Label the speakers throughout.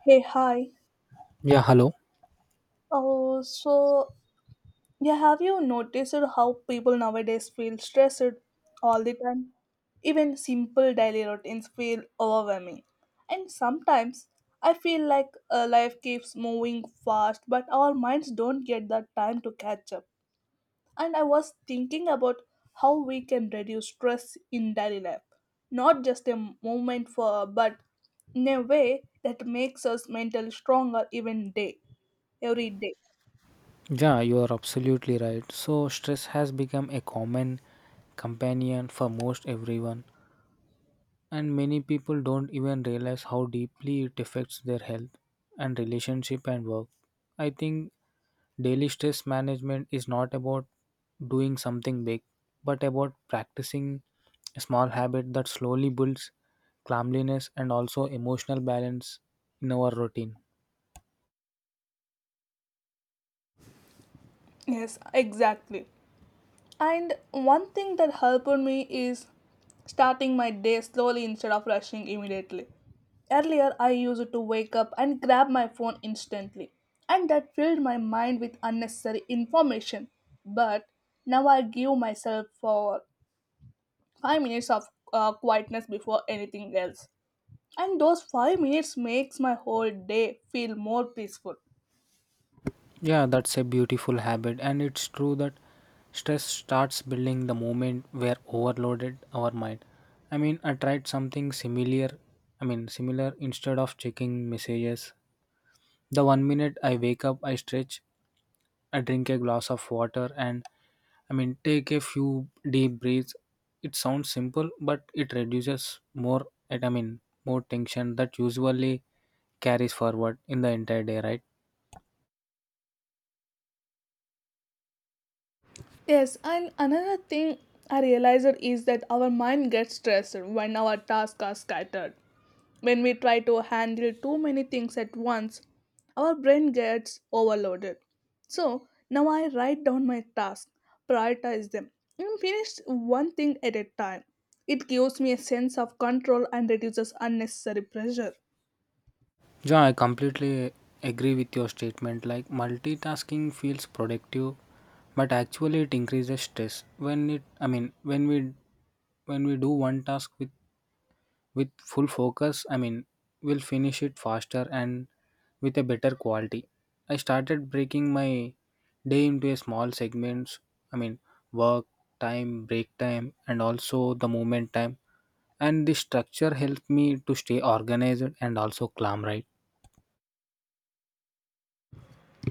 Speaker 1: Hey, hi.
Speaker 2: Yeah, hello.
Speaker 1: Oh, so yeah, have you noticed how people nowadays feel stressed all the time? Even simple daily routines feel overwhelming. And sometimes I feel like life keeps moving fast, but our minds don't get that time to catch up. And I was thinking about how we can reduce stress in daily life, not just a moment for, but in a way that makes us mentally stronger every day.
Speaker 2: Yeah, you are absolutely right. So, stress has become a common companion for most everyone, and many people don't even realize how deeply it affects their health and relationship and work. I think daily stress management is not about doing something big, but about practicing a small habit that slowly builds calmness and also emotional balance in our routine.
Speaker 1: Yes, exactly. And one thing that helped me is starting my day slowly instead of rushing immediately. Earlier, I used to wake up and grab my phone instantly, and that filled my mind with unnecessary information. But now I give myself for 5 minutes of quietness before anything else. And those 5 minutes makes my whole day feel more peaceful.
Speaker 2: Yeah, that's a beautiful habit, and it's true that stress starts building the moment we're overloaded our mind. I mean, I tried something similar. I mean, similar instead of checking messages. The 1 minute I wake up, I stretch, I drink a glass of water, and I mean, take a few deep breaths. It sounds simple, but it reduces more. I mean, more tension that usually carries forward in the entire day, right?
Speaker 1: Yes, and another thing I realized is that our mind gets stressed when our tasks are scattered. When we try to handle too many things at once, our brain gets overloaded. So now I write down my tasks, prioritize them, and finish one thing at a time. It gives me a sense of control and reduces unnecessary pressure.
Speaker 2: Yeah, I completely agree with your statement. Like multitasking feels productive, but actually it increases stress. I mean, when we do one task with full focus, I mean, we'll finish it faster and with a better quality. I started breaking my day into a small segments. I mean, work time, break time, and also the movement time. And this structure helped me to stay organized and also calm, right?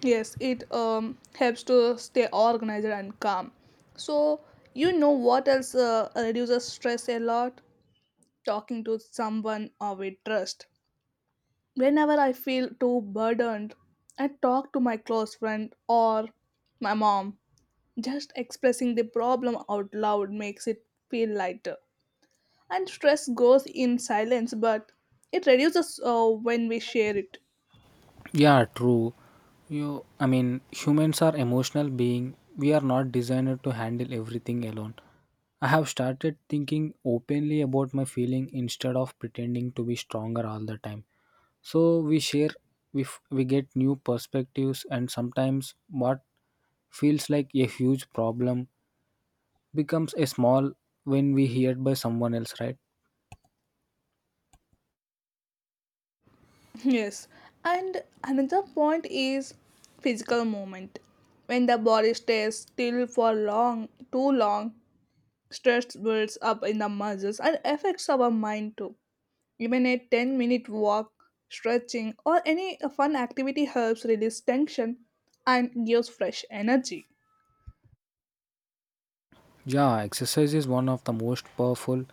Speaker 1: Yes, it helps to stay organized and calm. So, you know what else reduces stress a lot? Talking to someone with trust. Whenever I feel too burdened, I talk to my close friend or my mom. Just expressing the problem out loud makes it feel lighter. And stress goes in silence, but it reduces when we share it.
Speaker 2: Yeah, true. I mean, humans are emotional being. We are not designed to handle everything alone. I have started thinking openly about my feeling instead of pretending to be stronger all the time. So we share, we get new perspectives, and sometimes what feels like a huge problem becomes a small when we hear by someone else, right?
Speaker 1: Yes, and another point is physical movement. When the body stays still for long, too long, stress builds up in the muscles and affects our mind too. Even a 10-minute walk, stretching, or any fun activity helps release tension and gives fresh energy.
Speaker 2: Yeah, exercise is one of the most powerful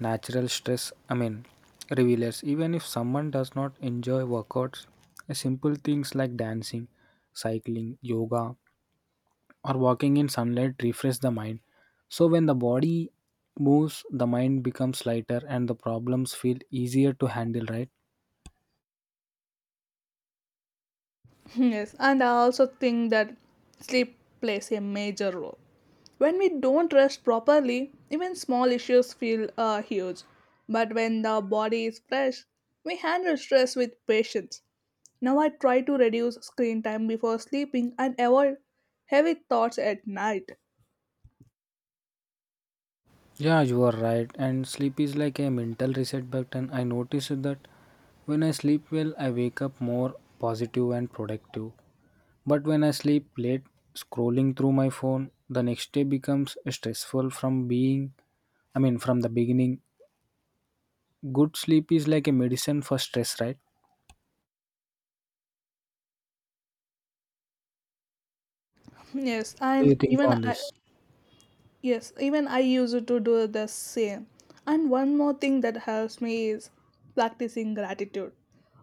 Speaker 2: natural stress, I mean, revealers. Even if someone does not enjoy workouts, simple things like dancing, cycling, yoga, or walking in sunlight refresh the mind. So, when the body moves, the mind becomes lighter and the problems feel easier to handle, right?
Speaker 1: Yes, and I also think that sleep plays a major role. When we don't rest properly, even small issues feel huge. But when the body is fresh, we handle stress with patience. Now I try to reduce screen time before sleeping and avoid heavy thoughts at night.
Speaker 2: Yeah, you are right. And sleep is like a mental reset button. I noticed that when I sleep well, I wake up more positive and productive. But when I sleep late, scrolling through my phone, the next day becomes stressful from being, I mean, from the beginning. Good sleep is like a medicine for stress, right?
Speaker 1: Yes,
Speaker 2: What do
Speaker 1: and
Speaker 2: you think
Speaker 1: even
Speaker 2: on
Speaker 1: I,
Speaker 2: this?
Speaker 1: Yes, even I used to do the same. And one more thing that helps me is practicing gratitude.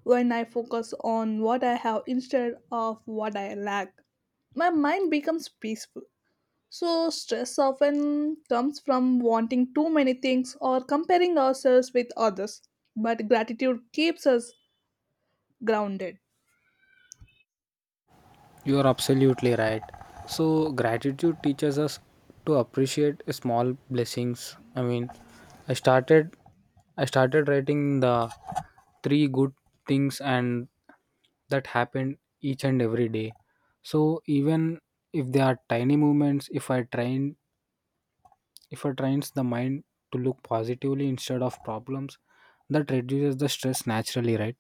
Speaker 1: When I focus on what I have instead of what I lack, my mind becomes peaceful. So, stress often comes from wanting too many things or comparing ourselves with others. But gratitude keeps us grounded.
Speaker 2: You are absolutely right. So, gratitude teaches us to appreciate small blessings. I mean, I started I started writing the three good things and that happened each and every day. So, even if they are tiny movements, if I trains the mind to look positively instead of problems, that reduces the stress naturally, right?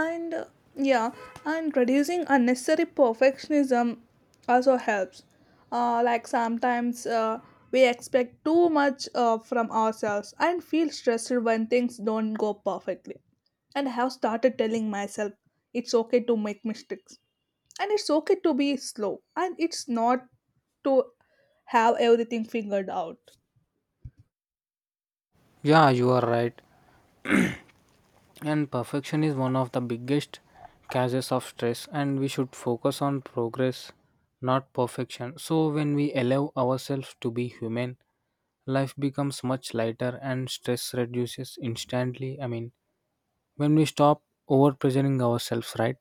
Speaker 1: and uh, yeah and reducing unnecessary perfectionism also helps, like sometimes we expect too much from ourselves and feel stressed when things don't go perfectly. And I have started telling myself it's okay to make mistakes, and it's okay to be slow, and it's not to have everything figured out.
Speaker 2: Yeah, you are right. And perfection is one of the biggest causes of stress, and we should focus on progress, not perfection. So, when we allow ourselves to be human, life becomes much lighter and stress reduces instantly. I mean, when we stop over pressuring ourselves, right?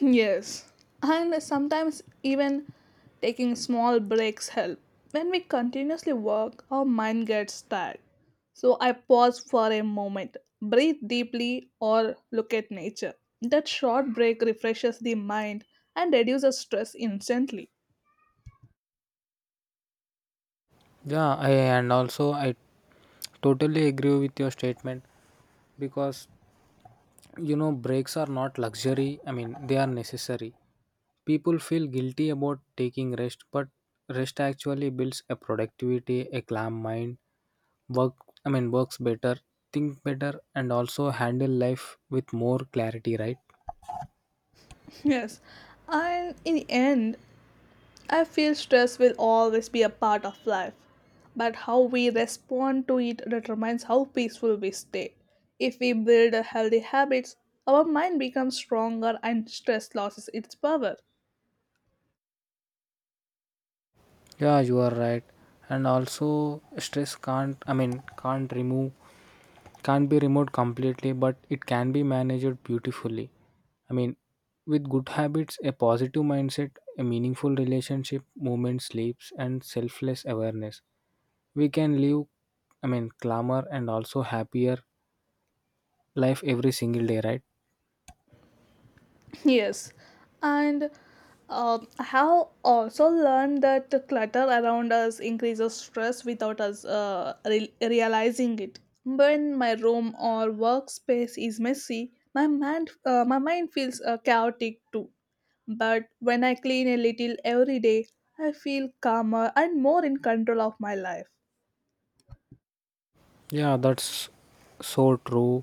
Speaker 1: Yes, and sometimes even taking small breaks help. When we continuously work, our mind gets tired. So I pause for a moment, breathe deeply, or look at nature. That short break refreshes the mind and reduces stress instantly.
Speaker 2: Yeah, and also I totally agree with your statement because breaks are not luxury, I mean, they are necessary. People feel guilty about taking rest, but rest actually builds a productivity, a calm mind, work I mean, works better, think better, and also handle life with more clarity, right?
Speaker 1: Yes, and in the end, I feel stress will always be a part of life, but how we respond to it determines how peaceful we stay. If we build a healthy habits, our mind becomes stronger and stress loses its power.
Speaker 2: Yeah, you are right. And also stress can't I mean, can't be removed completely, but it can be managed beautifully. I mean, with good habits, a positive mindset, a meaningful relationship, movement, sleeps and selfless awareness we can live, I mean, calmer and also happier life every single day, right?
Speaker 1: Yes, and I have also learned that the clutter around us increases stress without us realizing it. When my room or workspace is messy, my mind feels chaotic too. But when I clean a little every day, I feel calmer and more in control of my life.
Speaker 2: Yeah, that's so true.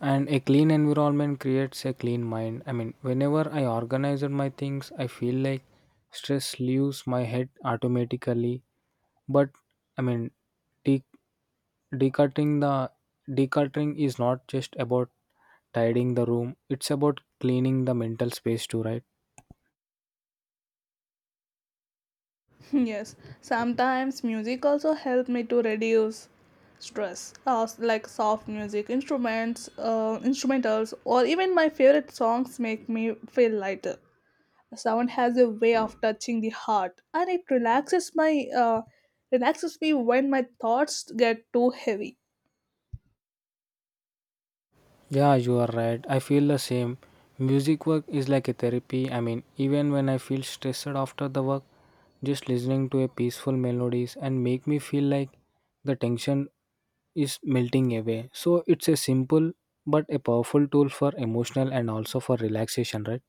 Speaker 2: And a clean environment creates a clean mind. I mean, whenever I organize my things, I feel like stress leaves my head automatically. But, I mean, de- decluttering the decluttering is not just about tidying the room, it's about cleaning the mental space too, right?
Speaker 1: Yes, sometimes music also help me to reduce stress, like soft music, instrumentals, or even my favorite songs make me feel lighter. Sound has a way of touching the heart, and it relaxes me when my thoughts get too heavy.
Speaker 2: Yeah, you are right. I feel the same. Music work is like a therapy. I mean, even when I feel stressed after the work, just listening to a peaceful melodies and make me feel like the tension is melting away. So it's a simple but a powerful tool for emotional and also for relaxation, right?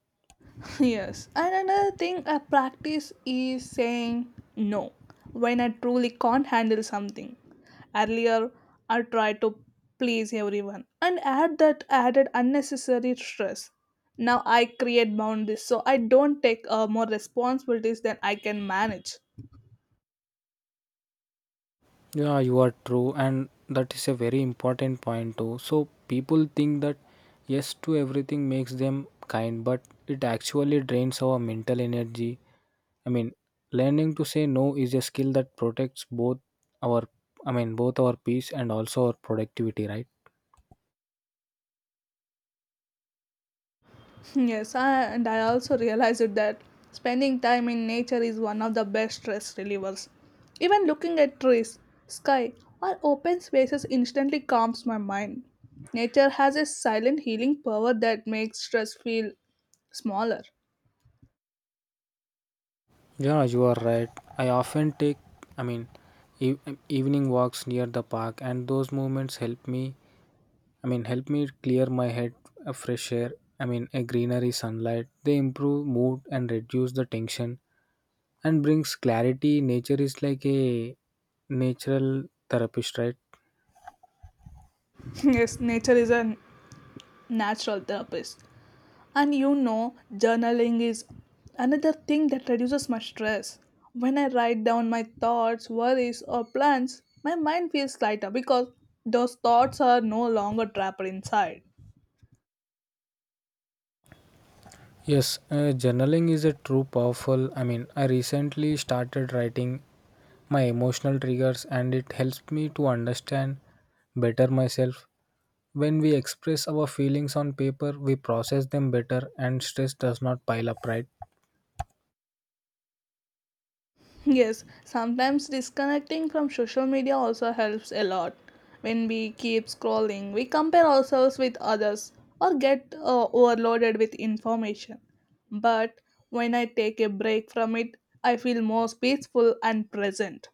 Speaker 1: Yes. And another thing I practice is saying no when I truly can't handle something. Earlier, I tried to please everyone and add that added unnecessary stress. Now I create boundaries so I don't take more responsibilities than I can manage.
Speaker 2: Yeah, you are true, and that is a very important point too. So people think that yes to everything makes them kind, but it actually drains our mental energy. I mean, learning to say no is a skill that protects both our, I mean, both our peace and also our productivity, right?
Speaker 1: Yes, and I also realized that spending time in nature is one of the best stress relievers. Even looking at trees, sky, or open spaces instantly calms my mind. Nature has a silent healing power that makes stress feel smaller.
Speaker 2: Yeah, you are right. I often I mean, e- evening walks near the park, and those moments help me. I mean, help me clear my head, a fresh air. I mean, a greenery, sunlight. They improve mood and reduce the tension and brings clarity. Nature is like a natural therapist, right?
Speaker 1: Yes, nature is a natural therapist. And you know, journaling is another thing that reduces my stress. When I write down my thoughts, worries, or plans, my mind feels lighter because those thoughts are no longer trapped inside.
Speaker 2: Yes, journaling is a true powerful. I mean, I recently started writing my emotional triggers and it helps me to understand better myself. When we express our feelings on paper, we process them better and stress does not pile up, right?
Speaker 1: Yes, sometimes disconnecting from social media also helps a lot. When we keep scrolling, we compare ourselves with others or get overloaded with information. But when I take a break from it, I feel more peaceful and present.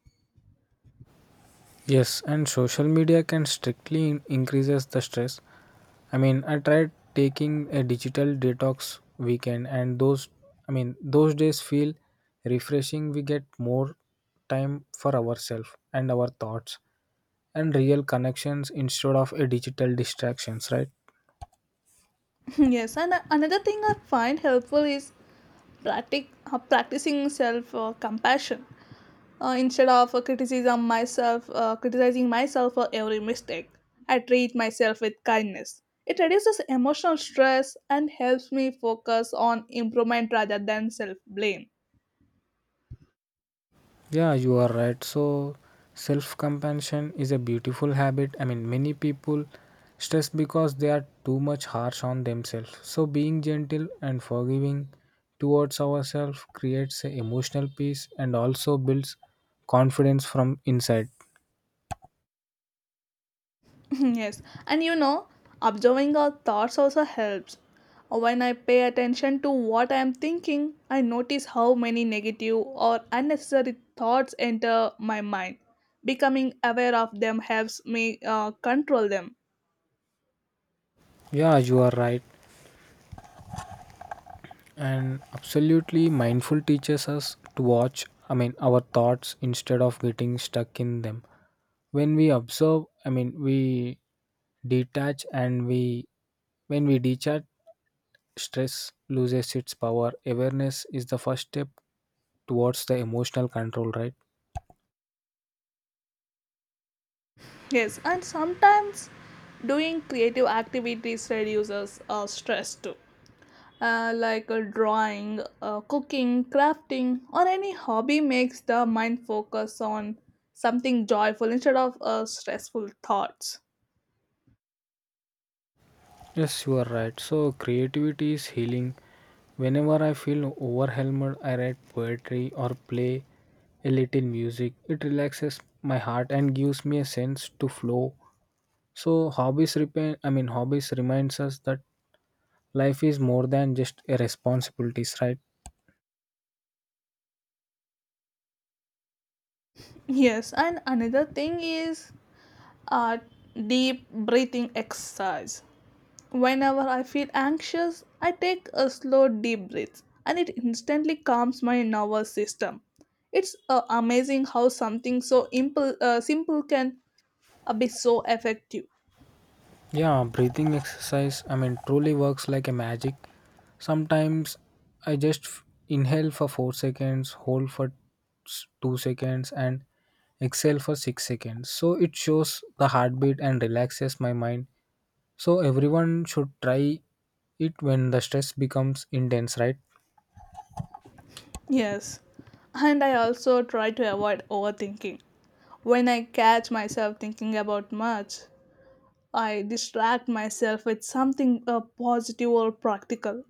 Speaker 2: Yes, and social media can strictly increases the stress. I mean, I tried taking a digital detox weekend, and I mean, those days feel refreshing. We get more time for ourselves and our thoughts and real connections instead of a digital distractions, right?
Speaker 1: Yes, and another thing I find helpful is practicing self compassion instead of criticism myself criticizing myself for every mistake. I treat myself with kindness. It reduces emotional stress and helps me focus on improvement rather than self blame.
Speaker 2: Yeah, you are right. So, self compassion is a beautiful habit. I mean, many people stress because they are too much harsh on themselves. So, being gentle and forgiving towards ourselves creates a emotional peace and also builds confidence from inside.
Speaker 1: Yes, and you know, observing our thoughts also helps. When I pay attention to what I am thinking, I notice how many negative or unnecessary thoughts enter my mind. Becoming aware of them helps me control them.
Speaker 2: Yeah, you are right. And absolutely mindful teaches us to watch, I mean, our thoughts instead of getting stuck in them. When we observe, I mean, we detach and we, when we detach, stress loses its power. Awareness is the first step towards the emotional control, right?
Speaker 1: Yes, and sometimes doing creative activities reduces stress too, like drawing, cooking, crafting, or any hobby makes the mind focus on something joyful instead of stressful thoughts.
Speaker 2: Yes, you are right. So, creativity is healing. Whenever I feel overwhelmed, I write poetry or play a little music. It relaxes my heart and gives me a sense to flow. So, I mean, hobbies reminds us that life is more than just a responsibilities, right?
Speaker 1: Yes, and another thing is a deep breathing exercise. Whenever I feel anxious, I take a slow deep breath and it instantly calms my nervous system. It's amazing how something so simple can be so effective.
Speaker 2: Yeah, breathing exercise, I mean, truly works like a magic. Sometimes I just inhale for 4 seconds, hold for 2 seconds, and exhale for 6 seconds. So it shows the heartbeat and relaxes my mind. So everyone should try it when the stress becomes intense, right?
Speaker 1: Yes. And I also try to avoid overthinking. When I catch myself thinking about much, I distract myself with something positive or practical.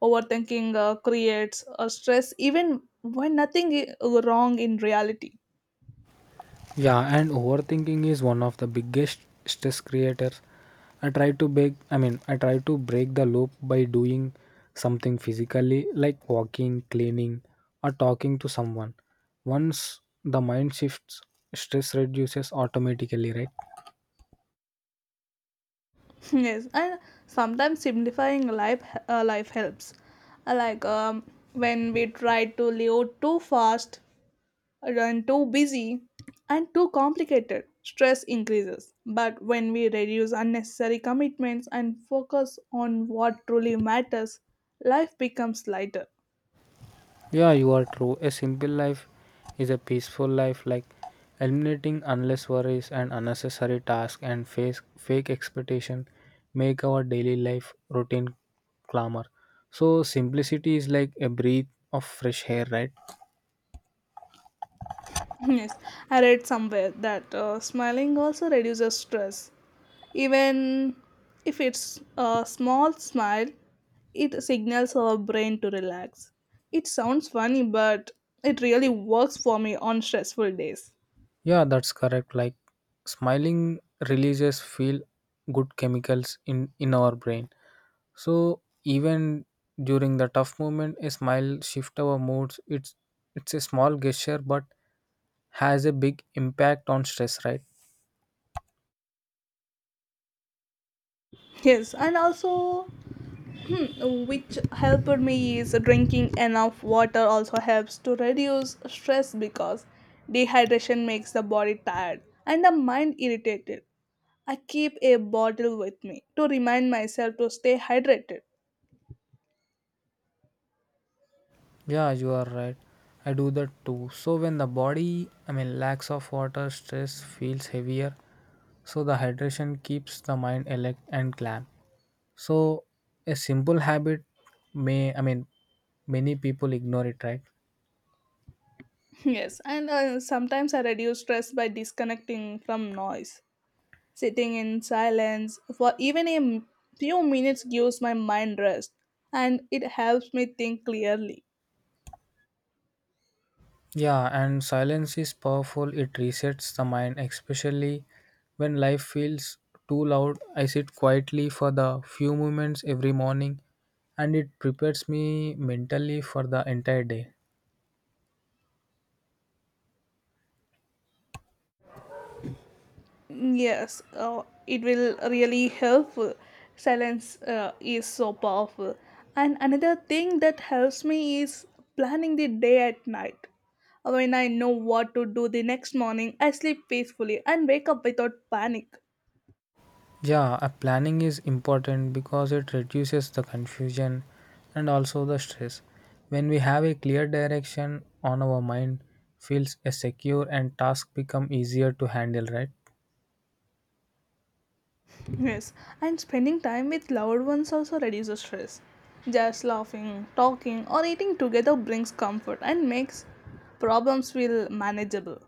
Speaker 1: Overthinking creates a stress even when nothing is wrong in reality.
Speaker 2: Yeah, and overthinking is one of the biggest stress creators. I mean, I try to break the loop by doing something physically like walking, cleaning or talking to someone. Once the mind shifts, stress reduces automatically, right?
Speaker 1: Yes, and sometimes simplifying life helps. Like, when we try to live too fast, run too busy, and too complicated, stress increases. But when we reduce unnecessary commitments and focus on what truly matters, life becomes lighter.
Speaker 2: Yeah, you are true. A simple life is a peaceful life, like eliminating endless worries and unnecessary tasks and face fake expectation make our daily life routine calmer. So simplicity is like a breath of fresh air, right?
Speaker 1: Yes, I read somewhere that smiling also reduces stress. Even if it's a small smile, it signals our brain to relax. It sounds funny, but it really works for me on stressful days.
Speaker 2: Yeah, that's correct. Like smiling releases feel good chemicals in our brain. So even during the tough moment, a smile shift our moods. It's a small gesture, but has a big impact on stress, right?
Speaker 1: Yes, and also which helped me is drinking enough water also helps to reduce stress because dehydration makes the body tired and the mind irritated. I keep a bottle with me to remind myself to stay hydrated.
Speaker 2: Yeah, you are right. I do that too. So when the body, I mean, lacks of water, stress feels heavier. So the hydration keeps the mind alert and calm. So a simple I mean, many people ignore it, right?
Speaker 1: Yes, and sometimes I reduce stress by disconnecting from noise. Sitting in silence for even a few minutes gives my mind rest, and it helps me think clearly.
Speaker 2: Yeah, and silence is powerful. It resets the mind, especially when life feels too loud. I sit quietly for the few moments every morning and it prepares me mentally for the entire day.
Speaker 1: Yes, it will really help. Silence is so powerful. And another thing that helps me is planning the day at night. When I know what to do the next morning, I sleep peacefully and wake up without panic.
Speaker 2: Yeah, a planning is important because it reduces the confusion and also the stress. When we have a clear direction on our mind feels a secure and tasks become easier to handle, right?
Speaker 1: Yes, and spending time with loved ones also reduces stress. Just laughing, talking, or eating together brings comfort and makes problems feel manageable.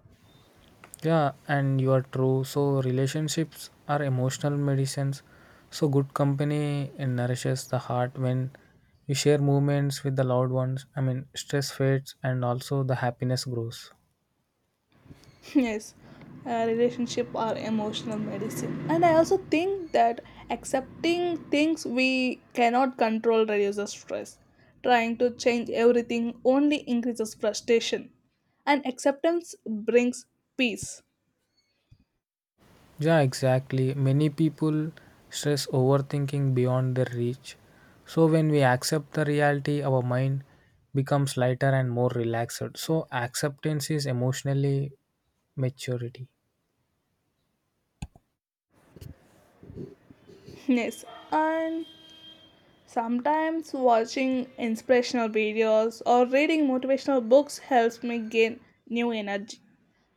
Speaker 2: Yeah, and you are true. So relationships are emotional medicines. So good company nourishes the heart when you share moments with the loved ones. I mean, stress fades and also the happiness grows.
Speaker 1: Yes, relationship are emotional medicine. And I also think that accepting things we cannot control reduces stress. Trying to change everything only increases frustration, and acceptance brings peace.
Speaker 2: Yeah, exactly. Many people stress overthinking beyond their reach. So when we accept the reality, our mind becomes lighter and more relaxed. So acceptance is emotionally maturity.
Speaker 1: Yes, and sometimes watching inspirational videos or reading motivational books helps me gain new energy.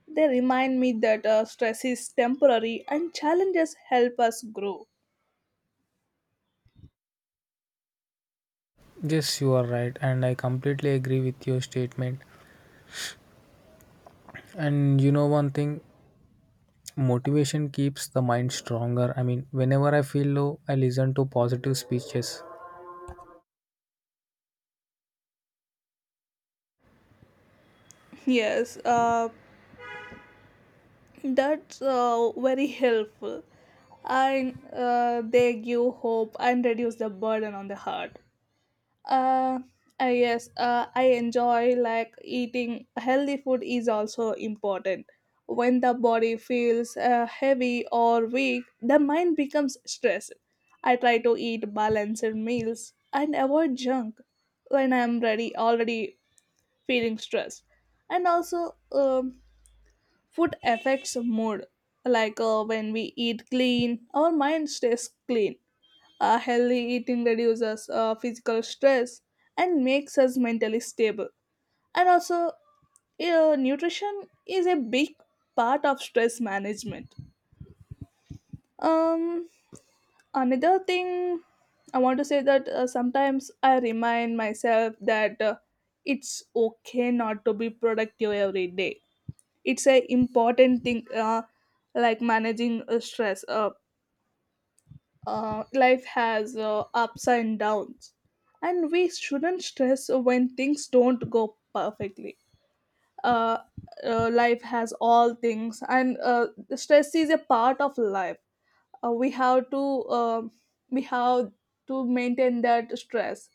Speaker 1: They remind me that stress is temporary and challenges help us grow.
Speaker 2: Yes, you are right, and I completely agree with your statement. And you know one thing, motivation keeps the mind stronger. I mean, whenever I feel low, I listen to positive speeches.
Speaker 1: Yes, that's very helpful. And they give hope and reduce the burden on the heart. Uh, yes, I enjoy like eating healthy food is also important. When the body feels heavy or weak, the mind becomes stressed. I try to eat balanced meals and avoid junk when I'm ready already feeling stressed. And also, um, Food affects mood. Like when we eat clean, our mind stays clean. Healthy eating reduces physical stress and makes us mentally stable. And also, nutrition is a big part of stress management. Um, Another thing I want to say that sometimes I remind myself that it's okay not to be productive every day. It's a important thing, like managing stress. Life has ups and downs, and we shouldn't stress when things don't go perfectly. uh, Life has all things, and stress is a part of life. Uh, we have to um we have to maintain that stress.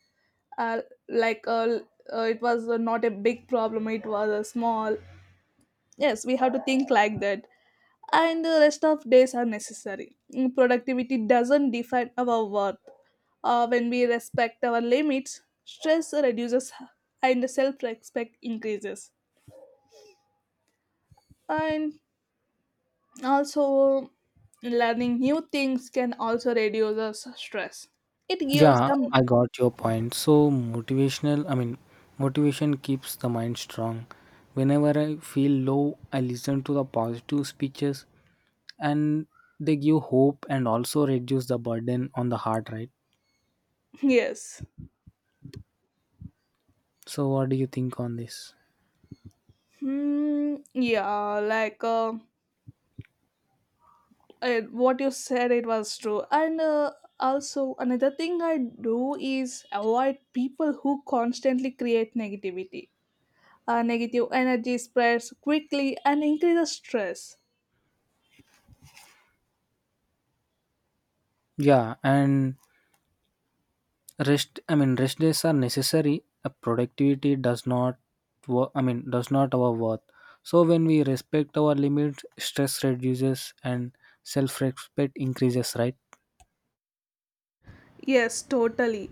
Speaker 1: uh, like uh, it was not a big problem, it was a small. Yes, we have to think like that. And the rest of days are necessary. Mm, productivity doesn't define our worth. When we respect our limits, stress reduces and self respect increases. And also, learning new things can also reduce us stress. It gives
Speaker 2: Yeah,
Speaker 1: them,
Speaker 2: I got your point. So I mean, motivation keeps the mind strong. Whenever I feel low, I listen to the positive speeches and they give hope and also reduce the burden on the heart, right?
Speaker 1: yes.
Speaker 2: So what do you think on this?
Speaker 1: Hmm, yeah, like. Uh, and what you said it was true. And also, another thing I do is avoid people who constantly create negativity. Negative energy spreads quickly and increases stress.
Speaker 2: Yeah, and rest I mean, rest days are necessary. A productivity does not wo- I mean, does not our worth. So when we respect our limits, stress reduces and self-respect increases, right?
Speaker 1: Yes, totally.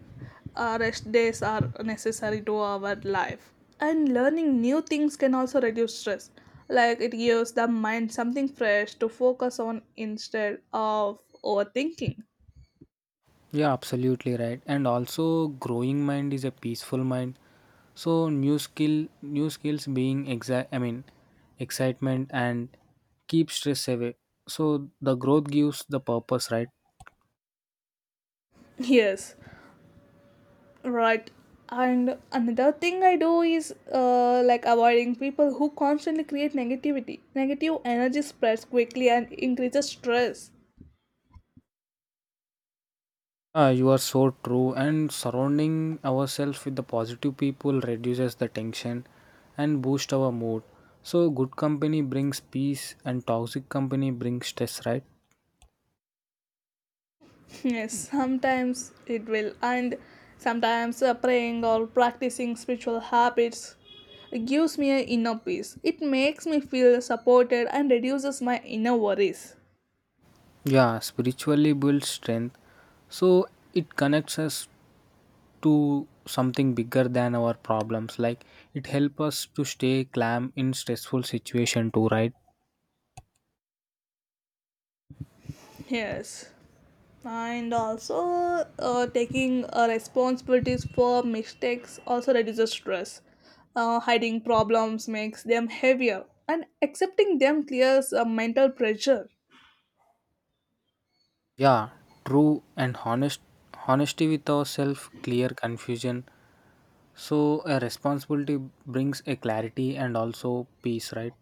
Speaker 1: Rest days are necessary to our life. And learning new things can also reduce stress, like it gives the mind something fresh to focus on instead of overthinking.
Speaker 2: Yeah, absolutely right. And also growing mind is a peaceful mind. So new skills being exact I mean, excitement, and keep stress away. So the growth gives the purpose, right?
Speaker 1: Yes. Right. And another thing I do is like avoiding people who constantly create negativity. Negative energy spreads quickly and increases stress.
Speaker 2: Ah, you are so true. And surrounding ourselves with the positive people reduces the tension and boost our mood. So good company brings peace and toxic company brings stress, right?
Speaker 1: Yes, sometimes it will. And sometimes praying or practicing spiritual habits gives me an inner peace. It makes me feel supported and reduces my inner worries.
Speaker 2: Yeah, spiritually builds strength. So it connects us to something bigger than our problems. Like it helps us to stay calm in stressful situation too, right?
Speaker 1: Yes. And also taking responsibilities for mistakes also reduces stress. Hiding problems makes them heavier, and accepting them clears mental pressure.
Speaker 2: Yeah, true and honesty with ourselves, clear confusion. So, a responsibility brings a clarity and also peace, right?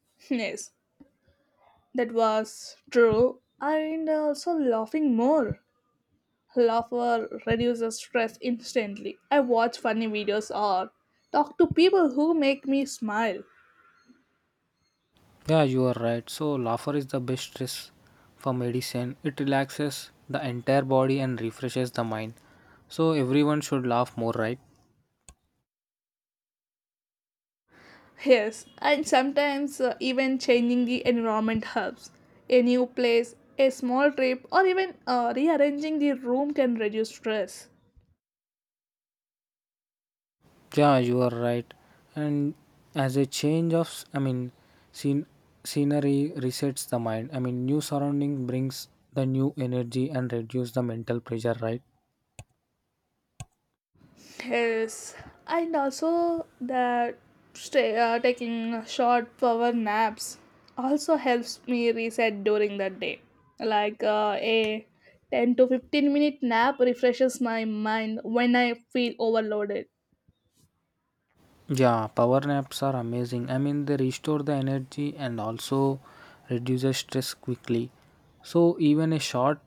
Speaker 1: Yes, that was true. And also laughing more, laughter reduces stress instantly. I watch funny videos or talk to people who make me smile.
Speaker 2: Yeah, you are right. So, laughter is the best stress for medicine. It relaxes the entire body and refreshes the mind. So, everyone should laugh more, right?
Speaker 1: Yes, and sometimes even changing the environment helps. A new place, a small trip, or even rearranging the room can reduce stress.
Speaker 2: Yeah, you are right. And as a change I mean, scene, scenery resets the mind. I mean, new surrounding brings the new energy and reduce the mental pressure, right?
Speaker 1: Yes, and also that stay, taking short power naps also helps me reset during the day. Like a 10 to 15 minute nap refreshes my mind when I feel overloaded.
Speaker 2: Yeah, power naps are amazing. I mean, they restore the energy and also reduces stress quickly. So even a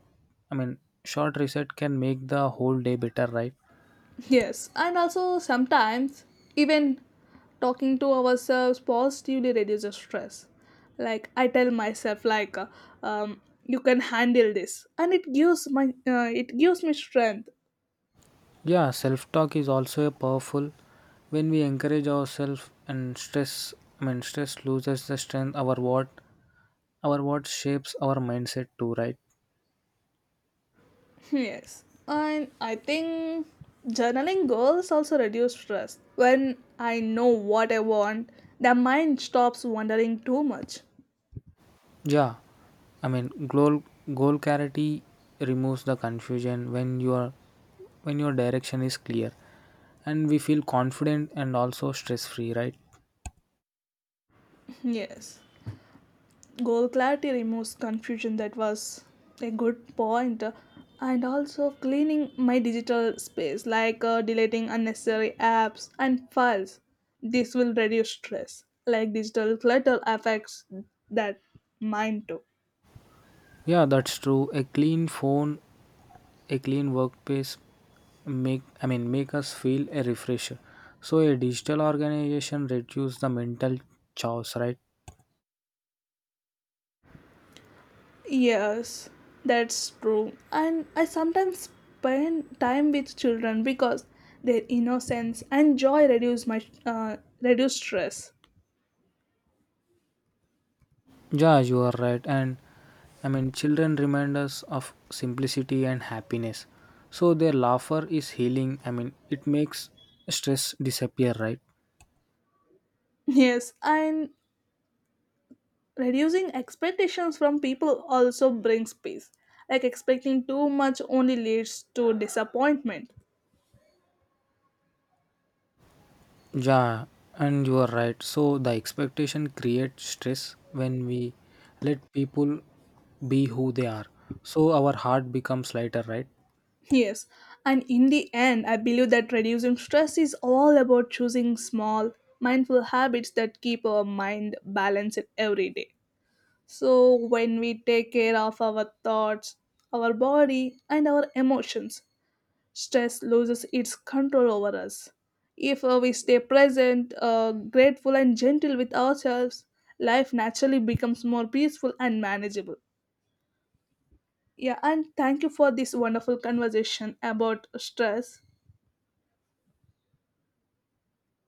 Speaker 2: I mean, short reset can make the whole day better, right?
Speaker 1: Yes, and also sometimes even talking to ourselves positively reduces stress. Like I tell myself, like, you can handle this, and it gives me strength.
Speaker 2: Yeah, self-talk is also a powerful. When we encourage ourselves and I mean, stress loses the strength. Our what shapes our mindset too, right?
Speaker 1: Yes, and I think journaling goals also reduce stress. When I know what I want, the mind stops wondering too much.
Speaker 2: Yeah, I mean, goal clarity removes the confusion when your direction is clear. And we feel confident and also stress free, right?
Speaker 1: Yes. Goal clarity removes confusion, that was a good point. And also cleaning my digital space, like deleting unnecessary apps and files. This will reduce stress. Like digital clutter affects that mind too.
Speaker 2: Yeah, that's true. A clean phone, a clean workplace make I mean, make us feel a refresher. So a digital organization reduce the mental chaos, right?
Speaker 1: Yes, that's true. And I sometimes spend time with children because their innocence and joy reduce stress.
Speaker 2: Yeah, you are right. And I mean, children remind us of simplicity and happiness. So their laughter is healing. I mean, it makes stress disappear, right?
Speaker 1: Yes, and reducing expectations from people also brings peace, like expecting too much only leads to disappointment.
Speaker 2: Yeah, and you are right. So the expectation creates stress when we let people be who they are. So our heart becomes lighter, right?
Speaker 1: Yes, and in the end, I believe that reducing stress is all about choosing small mindful habits that keep our mind balanced every day. So when we take care of our thoughts, our body, and our emotions, stress loses its control over us. If we stay present, grateful, and gentle with ourselves, life naturally becomes more peaceful and manageable. Yeah, and thank you for this wonderful conversation about stress.